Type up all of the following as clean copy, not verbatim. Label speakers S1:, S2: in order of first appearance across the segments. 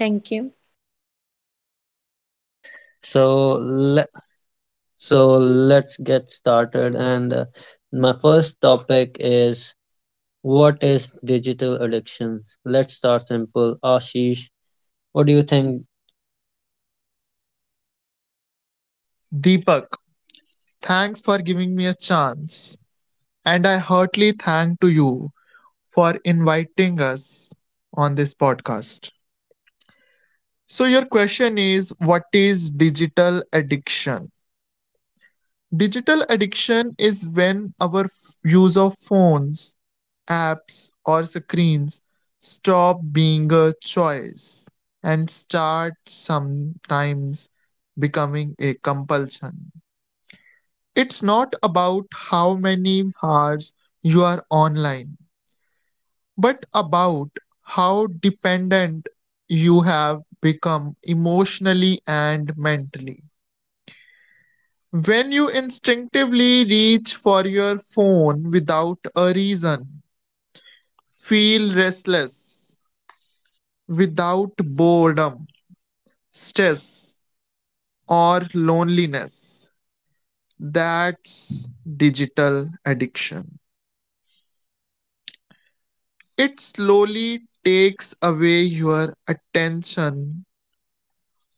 S1: Thank you.
S2: So, le- so
S3: So let's get started. And My first topic is, what is digital addictions? Let's start simple. Ashish, what do you think?
S2: Deepak, thanks for giving me a chance. And I heartily thank to you for inviting us on this podcast. So your question is, what is digital addiction? Digital addiction is when our use of phones, apps or screens stop being a choice and start sometimes becoming a compulsion. It's not about how many hours you are online, but about how dependent you have become emotionally and mentally. When you instinctively reach for your phone without a reason, feel restless, without boredom, stress, or loneliness, that's digital addiction. It slowly takes away your attention,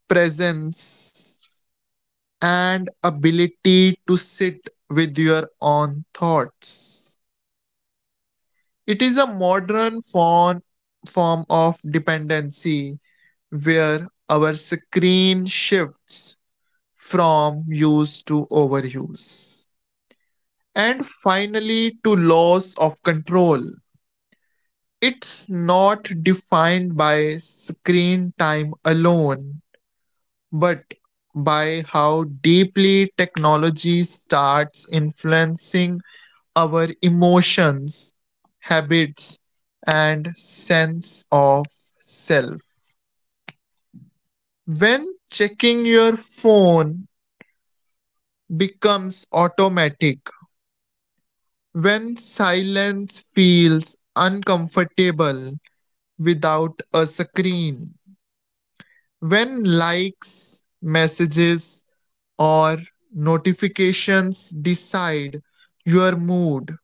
S2: presence, and ability to sit with your own thoughts. It is a form of dependency where our screen shifts from use to overuse. And finally, to loss of control. It's not defined by screen time alone, but by how deeply technology starts influencing our emotions, habits, and sense of self. When checking your phone becomes automatic, when silence feels uncomfortable without a screen, when likes, messages, or notifications decide your mood,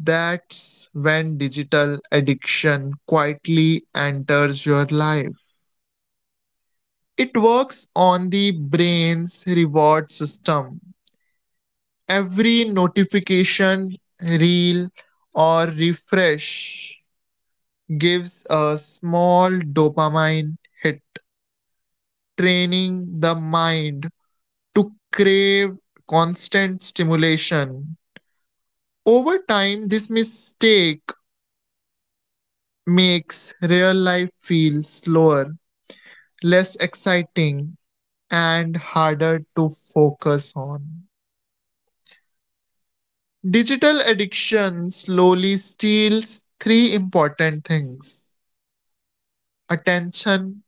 S2: that's when digital addiction quietly enters your life. It works on the brain's reward system. Every notification, reel, or refresh gives a small dopamine hit, training the mind to crave constant stimulation. Over time, this mistake makes real life feel slower, less exciting, and harder to focus on. Digital addiction slowly steals three important things: attention,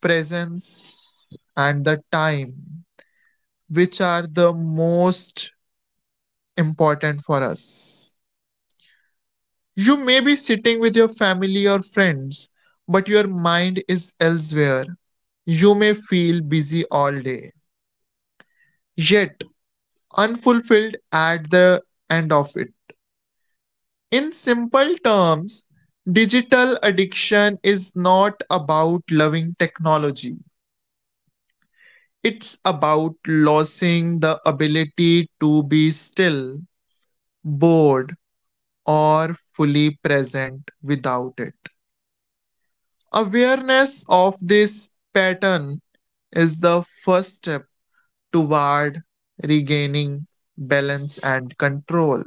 S2: presence, and the time, which are the most important for us. You may be sitting with your family or friends, but your mind is elsewhere. You may feel busy all day, yet unfulfilled at the end of it. In simple terms, digital addiction is not about loving technology. It's about losing the ability to be still, bored, or fully present without it. Awareness of this pattern is the first step toward regaining balance and control.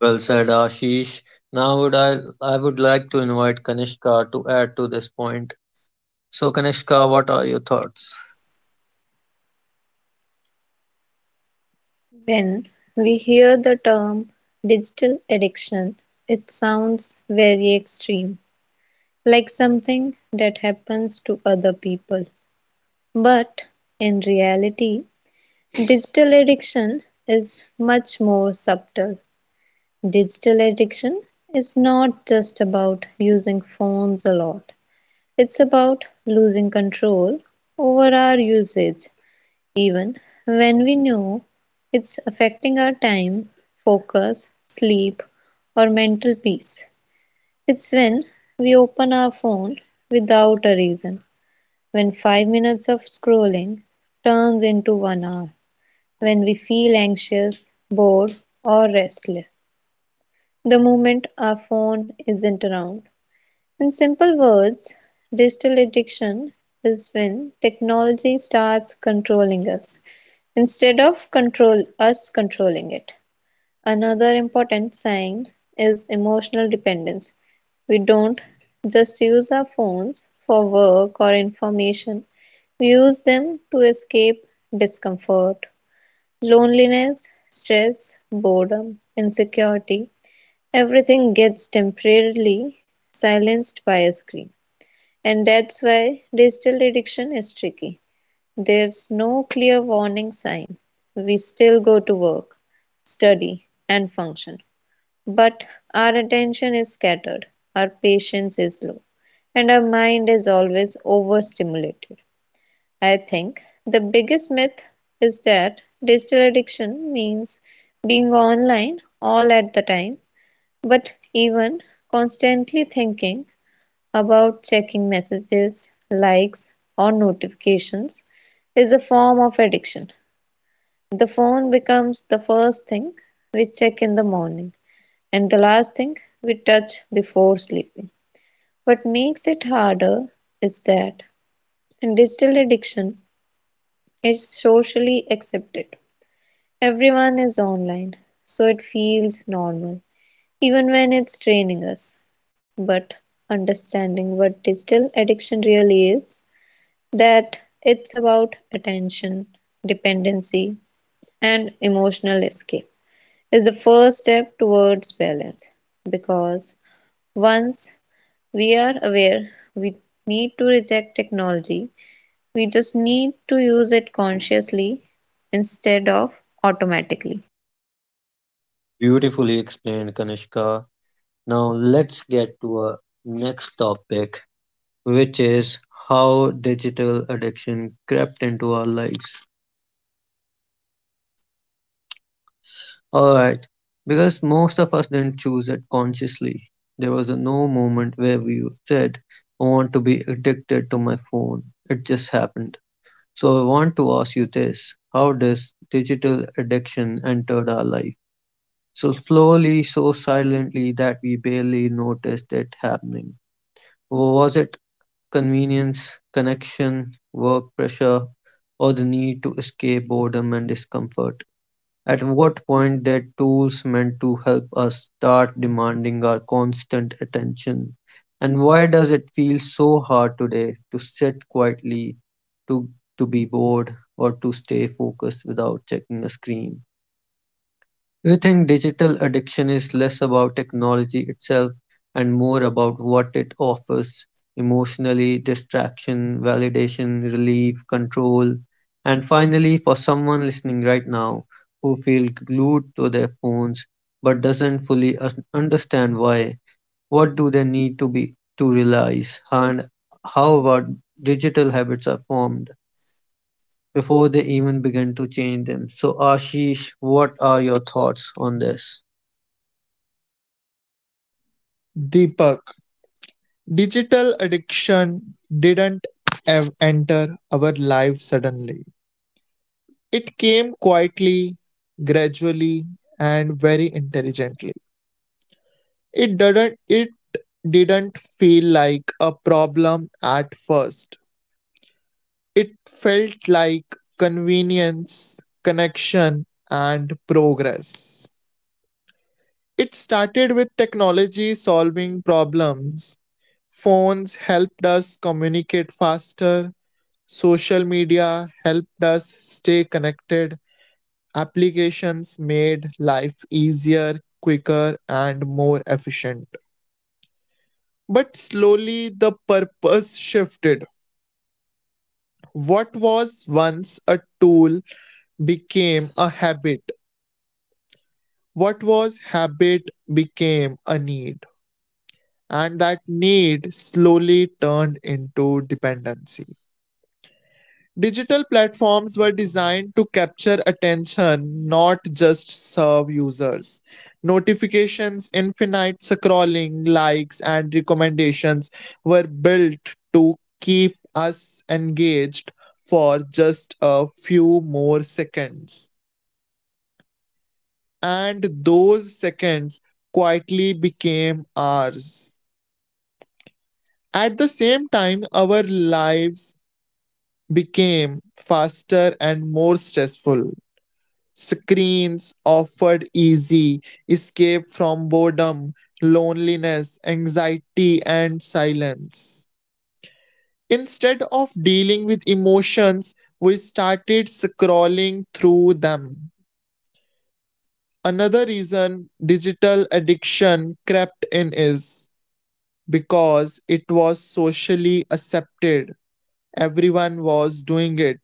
S3: Well said, Ashish. Now would I would like to invite Kanishka to add to this point. So Kanishka, what are your thoughts?
S1: When we hear the term digital addiction, it sounds very extreme, like something that happens to other people. But in reality, digital addiction is much more subtle. Digital addiction is not just about using phones a lot, it's about losing control over our usage even when we know it's affecting our time, focus, sleep, or mental peace. It's when we open our phone without a reason, when 5 minutes of scrolling turns into 1 hour, when we feel anxious, bored, or restless. The moment our phone isn't around. In simple words, digital addiction is when technology starts controlling us. Instead of control us controlling it. Another important sign is emotional dependence. We don't just use our phones for work or information. We use them to escape discomfort, loneliness, stress, boredom, insecurity. Everything gets temporarily silenced by a screen. And that's why digital addiction is tricky. There's no clear warning sign. We still go to work, study, and function. But our attention is scattered, our patience is low, and our mind is always overstimulated. I think the biggest myth is that digital addiction means being online all at the time, but even constantly thinking about checking messages, likes, or notifications is a form of addiction. The phone becomes the first thing we check in the morning and the last thing we touch before sleeping. What makes it harder is that in digital addiction is socially accepted. Everyone is online, so it feels normal, even when it's draining us. But understanding what digital addiction really is, that it's about attention, dependency, and emotional escape, is the first step towards balance, because once we are aware we need to reject technology, we just need to use it consciously instead of automatically.
S3: Beautifully explained, Kanishka. Now let's get to our next topic, which is how digital addiction crept into our lives. Alright, because most of us didn't choose it consciously. There was a no moment where we said, I want to be addicted to my phone. It just happened. So I want to ask you this: how does digital addiction entered our life? So slowly, so silently that we barely noticed it happening. Was it convenience, connection, work pressure, or the need to escape boredom and discomfort? At what point their tools meant to help us start demanding our constant attention? And why does it feel so hard today to sit quietly, to to be bored, or to stay focused without checking a screen? We think digital addiction is less about technology itself and more about what it offers emotionally: distraction, validation, relief, control. And finally, for someone listening right now who feel glued to their phones but doesn't fully understand why, what do they need to be to realize? And how about digital habits are formed before they even begin to change them? So, Ashish, what are your thoughts on this?
S2: Deepak, digital addiction didn't enter our life suddenly. It came quietly, gradually, and very intelligently. It didn't feel like a problem at first. It felt like convenience, connection, and progress. It started with technology solving problems. Phones helped us communicate faster, social media helped us stay connected, applications made life easier, quicker, and more efficient. But slowly the purpose shifted. What was once a tool became a habit. What was habit became a need, and that need slowly turned into dependency. Digital platforms were designed to capture attention, not just serve users. Notifications, infinite scrolling, likes, and recommendations were built to keep us engaged for just a few more seconds. And those seconds quietly became ours. At the same time, our lives became faster and more stressful. Screens offered easy escape from boredom, loneliness, anxiety, and silence. Instead of dealing with emotions, we started scrolling through them. Another reason digital addiction crept in is because it was socially accepted. Everyone was doing it.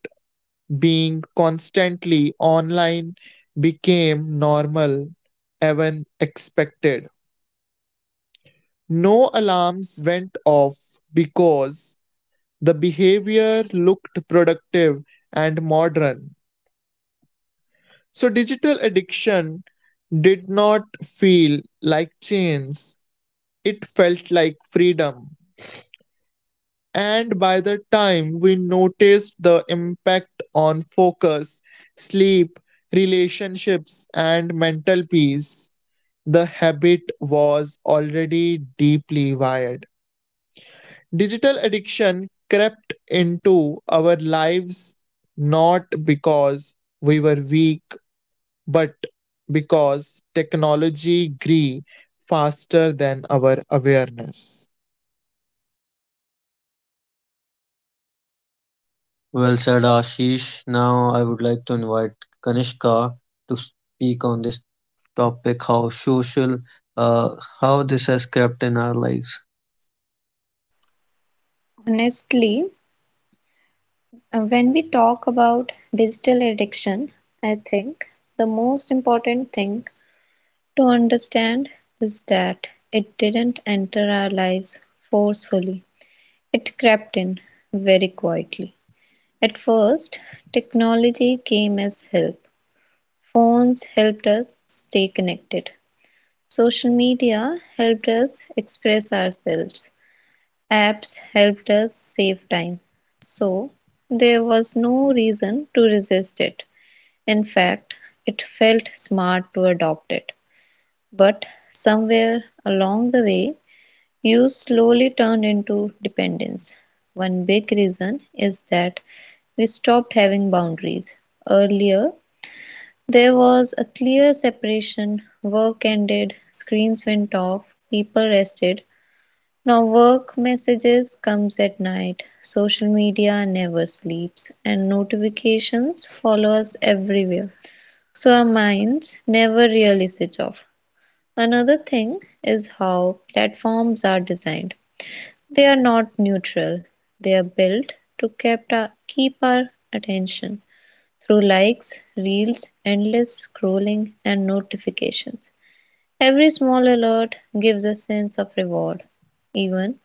S2: Being constantly online became normal, even expected. No alarms went off because the behavior looked productive and modern. So, digital addiction did not feel like chains, it felt like freedom. And by the time we noticed the impact on focus, sleep, relationships, and mental peace, the habit was already deeply wired. Digital addiction crept into our lives not because we were weak, but because technology grew faster than our awareness.
S3: Well said, Ashish. Now I would like to invite Kanishka to speak on this topic, how social, uh, how this has crept in our lives.
S1: Honestly, when we talk about digital addiction, I think the most important thing to understand is that it didn't enter our lives forcefully, it crept in very quietly. At first, technology came as help. Phones helped us stay connected, social media helped us express ourselves, apps helped us save time. So, there was no reason to resist it. In fact, it felt smart to adopt it. But somewhere along the way, use slowly turned into dependence. One big reason is that we stopped having boundaries. Earlier, there was a clear separation: work ended, screens went off, people rested. Now, work messages comes at night, social media never sleeps, and notifications follow us everywhere. So, our minds never really switch off. Another thing is how platforms are designed. They are not neutral. They are built to keep our attention through likes, reels, endless scrolling, and notifications. Every small alert gives a sense of reward, even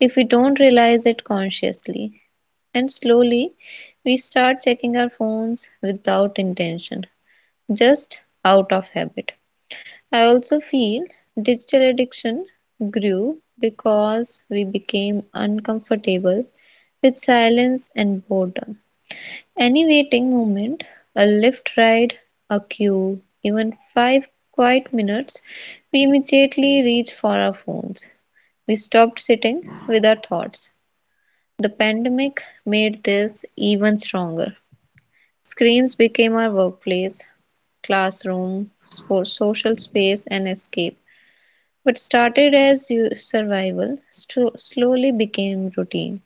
S1: if we don't realize it consciously. And slowly, we start checking our phones without intention, just out of habit. I also feel digital addiction grew because we became uncomfortable with silence and boredom. Any waiting moment, a lift ride, a queue, even five quiet minutes, we immediately reach for our phones. We stopped sitting with our thoughts. The pandemic made this even stronger. Screens became our workplace, classroom, sports, social space, and escape. What started as survival slowly became routine,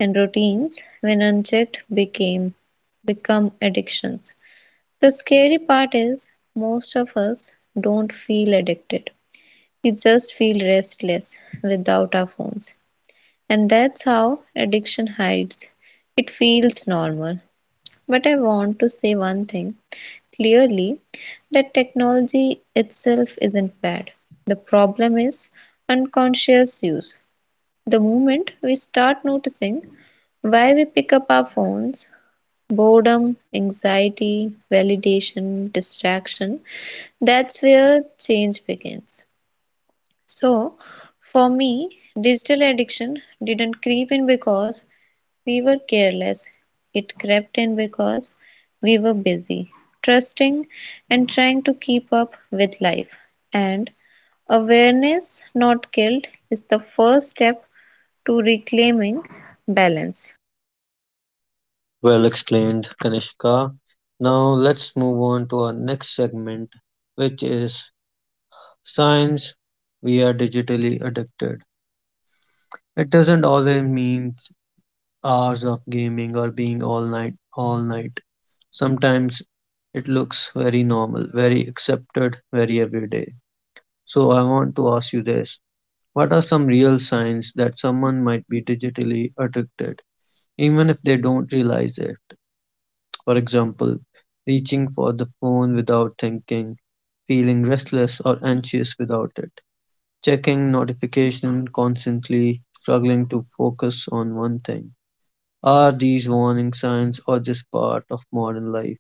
S1: and routines, when unchecked, became become addictions. The scary part is most of us don't feel addicted. We just feel restless without our phones. And that's how addiction hides. It feels normal. But I want to say one thing clearly, that technology itself isn't bad. The problem is unconscious use. The moment we start noticing why we pick up our phones, boredom, anxiety, validation, distraction, that's where change begins. So, for me, digital addiction didn't creep in because we were careless. It crept in because we were busy, trusting, and trying to keep up with life. And awareness, not guilt, is the first step to reclaiming balance.
S3: Well explained, Kanishka. Now let's move on to our next segment, which is signs we are digitally addicted. It doesn't always mean hours of gaming or being all night, all night. Sometimes it looks very normal, very accepted, very everyday. So I want to ask you this. What are some real signs that someone might be digitally addicted, even if they don't realize it? For example, reaching for the phone without thinking, feeling restless or anxious without it, checking notification constantly, struggling to focus on one thing. Are these warning signs or just part of modern life?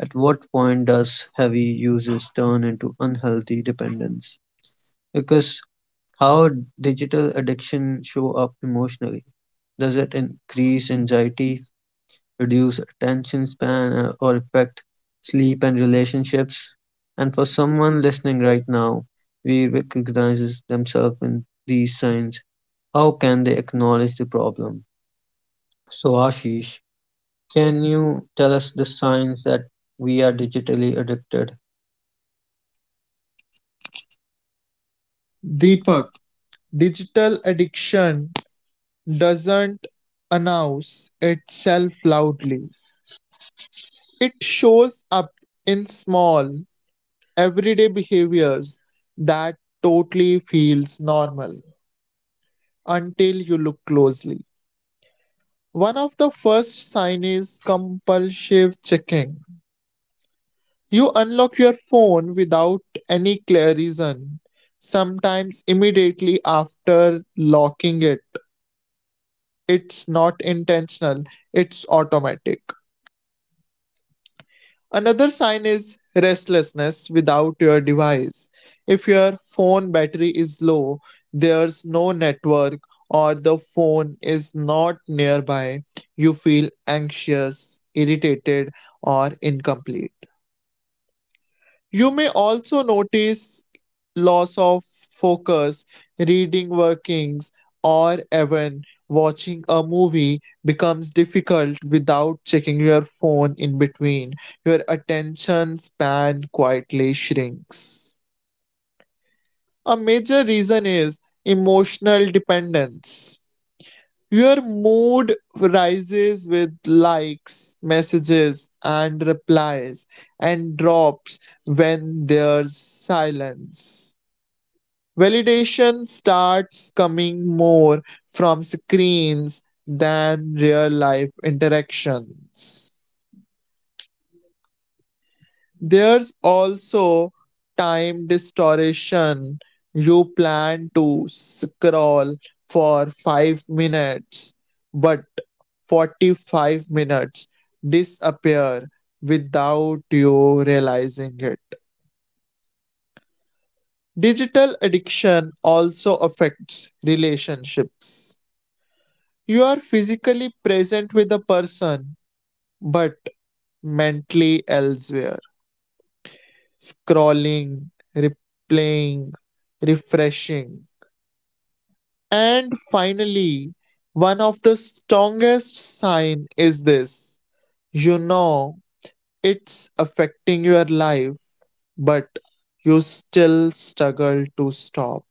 S3: At what point does heavy usage turn into unhealthy dependence? Because, how digital addiction show up emotionally? Does it increase anxiety, reduce attention span, or affect sleep and relationships? And for someone listening right now, we recognizes themselves in these signs. How can they acknowledge the problem? So Ashish, can you tell us the signs that we are digitally addicted?
S2: Deepak,
S3: Deepak.
S2: digital addiction doesn't announce itself loudly. It shows up in small, everyday behaviors that totally feels normal until you look closely. One of the first signs is compulsive checking. You unlock your phone without any clear reason, sometimes immediately after locking it. It's not intentional, it's automatic. Another sign is restlessness without your device. If your phone battery is low, there's no network, or the phone is not nearby, you feel anxious, irritated, or incomplete. You may also notice loss of focus. Reading workings, or even watching a movie, becomes difficult without checking your phone in between. Your attention span quietly shrinks. A major reason is emotional dependence. Your mood rises with likes, messages, and replies, and drops when there's silence. Validation starts coming more from screens than real life interactions. There's also time distortion. You plan to scroll for 5 minutes, but 45 minutes disappear without you realizing it. Digital addiction also affects relationships. You are physically present with a person, but mentally elsewhere, scrolling, replaying, refreshing. And finally, one of the strongest sign is this: you know it's affecting your life, but you still struggle to stop.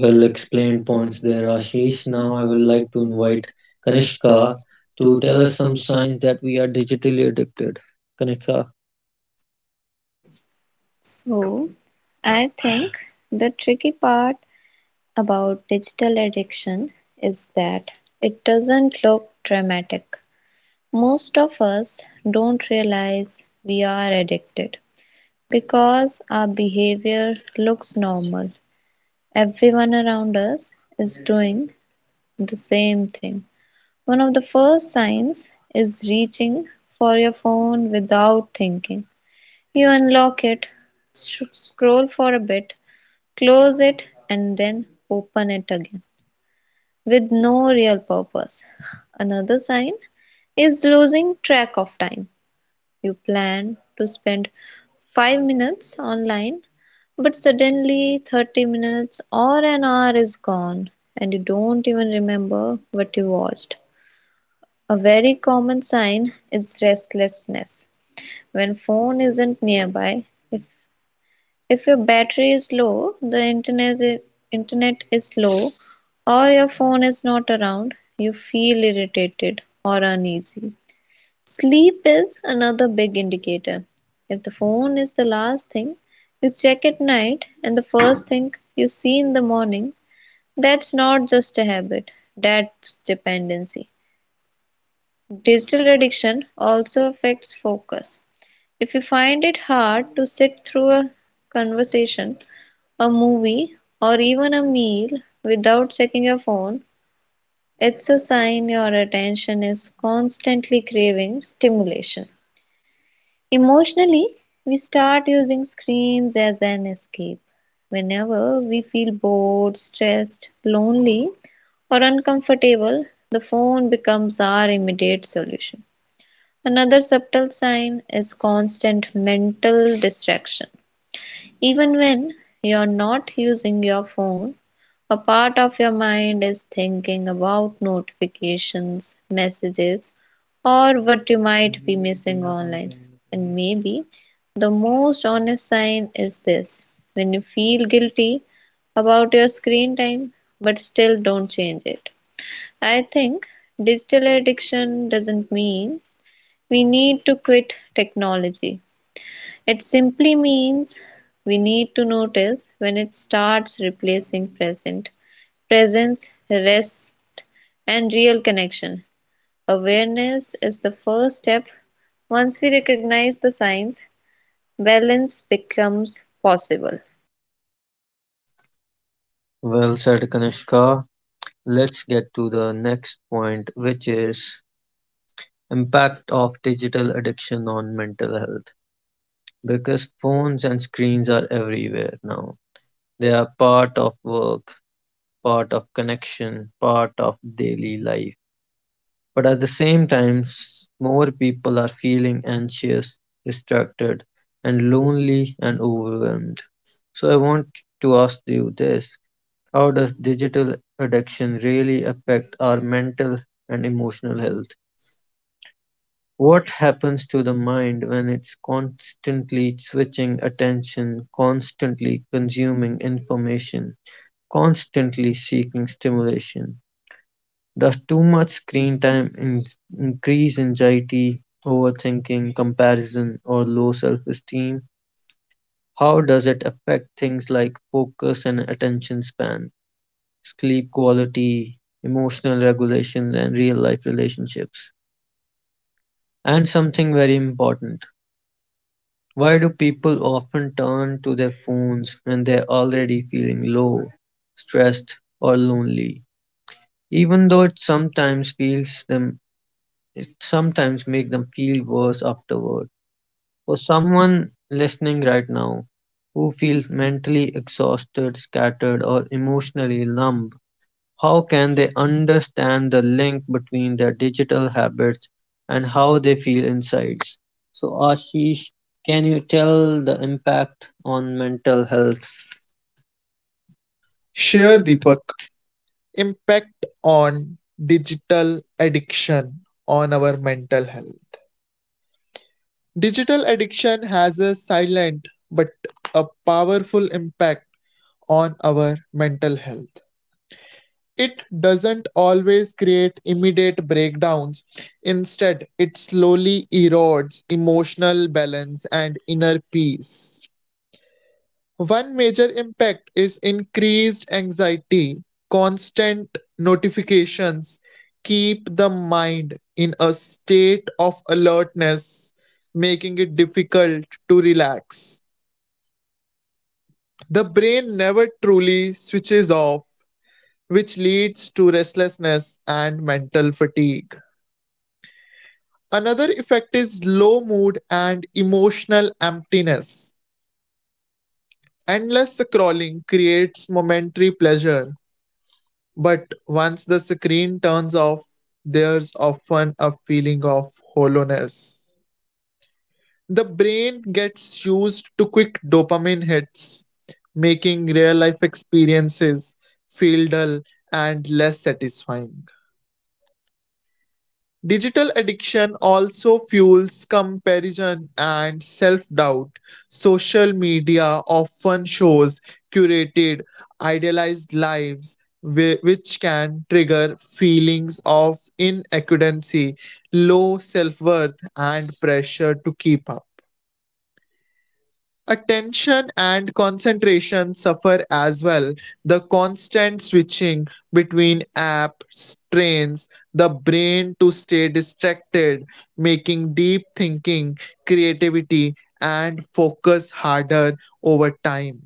S3: Well explained
S2: explained
S3: points
S2: points there,
S3: there,
S2: Ashish.
S3: Ashish. Now
S2: Now I
S3: I would
S2: would
S3: like
S2: like
S3: to
S2: to
S3: invite
S2: invite
S3: Kanishka
S2: Kanishka
S3: to
S2: to
S3: tell
S2: tell us
S3: us some
S2: some signs.
S3: signs that we are digitally addicted. Kanishka.
S1: So, I think the tricky part about digital addiction is that it doesn't look dramatic. Most of us don't realize we are addicted, because our behavior looks normal, everyone around us is doing the same thing. One of the first signs is reaching for your phone without thinking. You unlock it, scroll for a bit, close it, and then open it again with no real purpose. Another sign is losing track of time. You plan to spend 5 minutes online, but suddenly 30 minutes or an hour is gone and you don't even remember what you watched. A very common sign is restlessness. When phone isn't nearby, if if your battery is low, the internet is low, or your phone is not around, you feel irritated or uneasy. Sleep is another big indicator. If the phone is the last thing you check at night and the first thing you see in the morning, that's not just a habit, that's dependency. Digital addiction also affects focus. If you find it hard to sit through a conversation, a movie, or even a meal without checking your phone, it's a sign your attention is constantly craving stimulation. Emotionally, we start using screens as an escape. Whenever we feel bored, stressed, lonely, or uncomfortable, the phone becomes our immediate solution. Another subtle sign is constant mental distraction. Even when you're not using your phone, a part of your mind is thinking about notifications, messages, or what you might be missing online. And maybe the most honest sign is this: when you feel guilty about your screen time but still don't change it. I think digital addiction doesn't mean we need to quit technology, it simply means we need to notice when it starts replacing present presence, rest, and real connection. Awareness is the first step. Once we recognize the signs, balance becomes possible.
S3: Well said, Kanishka. Let's get to the next point, which is impact of digital addiction on mental health. Because phones and screens are everywhere now. They are part of work, part of connection, part of daily life. But at the same time, more people are feeling anxious, distracted, and lonely and overwhelmed. So I want to ask you this. How does digital addiction really affect our mental and emotional health? What happens to the mind when it's constantly switching attention, constantly consuming information, constantly seeking stimulation? Does too much screen time in increase anxiety, overthinking, comparison, or low self-esteem? How does it affect things like focus and attention span, sleep quality, emotional regulation, and real-life relationships? And something very important. Why do people often turn to their phones when they're already feeling low, stressed, or lonely? Even though it sometimes feels them sometimes make them feel worse afterward. For someone listening right now who feels mentally exhausted, scattered, or emotionally numb, how can they understand the link between their digital habits and how they feel inside? So, Ashish, can you tell the impact on mental health?
S2: Share
S3: Sure, Deepak.
S2: Deepak, impact on digital addiction on our mental health. Digital addiction has a silent but a powerful impact on our mental health. It doesn't always create immediate breakdowns. Instead, it slowly erodes emotional balance and inner peace. One major impact is increased anxiety. Constant notifications keep the mind in a state of alertness, making it difficult to relax. The brain never truly switches off, which leads to restlessness and mental fatigue. Another effect is low mood and emotional emptiness. Endless scrolling creates momentary pleasure, but once the screen turns off, there's often a feeling of hollowness. The brain gets used to quick dopamine hits, making real life experiences feel dull and less satisfying. Digital addiction also fuels comparison and self doubt. Social media often shows curated, idealized lives, which can trigger feelings of inadequacy, low self worth, and pressure to keep up. Attention and concentration suffer as well. The constant switching between apps trains the brain to stay distracted, making deep thinking, creativity, and focus harder over time.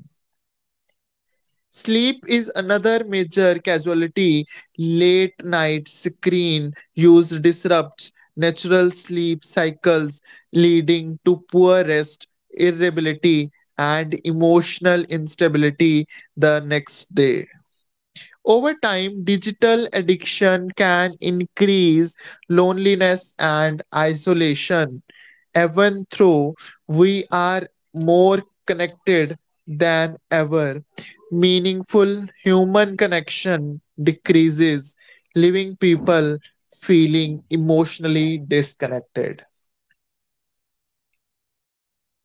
S2: Sleep is another major casualty. Late night screen use disrupts natural sleep cycles, leading to poor rest, irritability, and emotional instability the next day. Over time, digital addiction can increase loneliness and isolation, even though we are more connected than ever. Meaningful human connection decreases, leaving people feeling emotionally disconnected.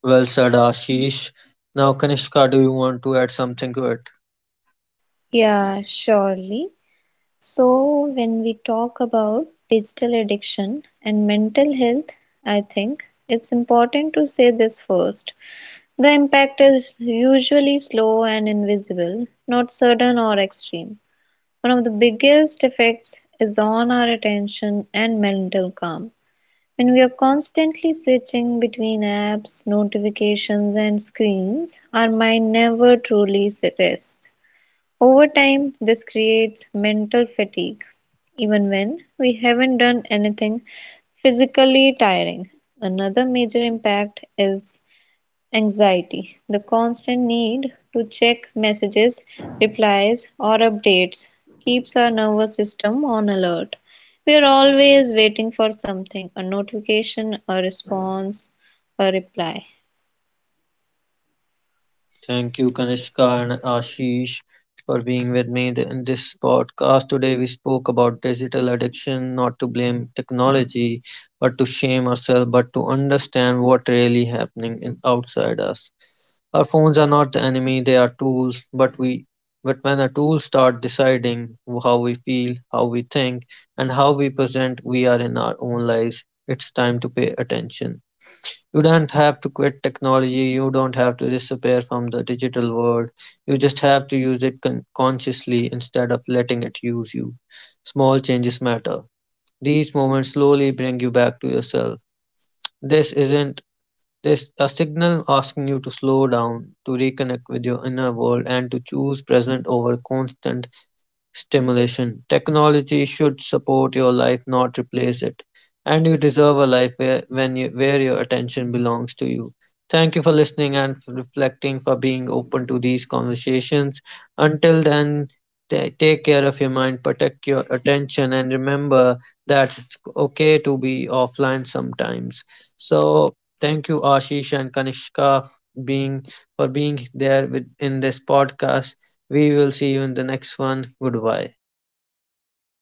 S3: Well said, Ashish. Now, Kanishka, do you want to add something to it?
S1: Yeah, surely. So, when we talk about digital addiction and mental health, I think it's important to say this first. The impact is usually slow and invisible, not sudden or extreme. One of the biggest effects is on our attention and mental calm. When we are constantly switching between apps, notifications, and screens, our mind never truly rests. Over time, this creates mental fatigue, even when we haven't done anything physically tiring. Another major impact is anxiety. The constant need to check messages, replies, or updates keeps our nervous system on alert. We are always waiting for something, a notification, a response, a reply.
S3: Thank you, Kanishka and Ashish, for being with me in this podcast. Today, we spoke about digital addiction, not to blame technology, but to shame ourselves, but to understand what really happening in, outside us. Our phones are not the enemy; they are tools. But we, but when our tools start deciding how we feel, how we think, and how we present, we are in our own lives. It's time to pay attention. You don't have to quit technology, you don't have to disappear from the digital world, you just have to use it consciously instead of letting it use you. Small changes matter. These moments slowly bring you back to yourself. This isn't this a signal asking you to slow down, to reconnect with your inner world and to choose present over constant stimulation. Technology should support your life, not replace it. And you deserve a life where, when you, where your attention belongs to you. Thank you for listening and for reflecting, for being open to these conversations. Until then, ta take care of your mind, protect your attention, and remember that it's okay to be offline sometimes. So, thank you, Ashish and Kanishka, being for being there with in this podcast. We will see you in the next one. Goodbye.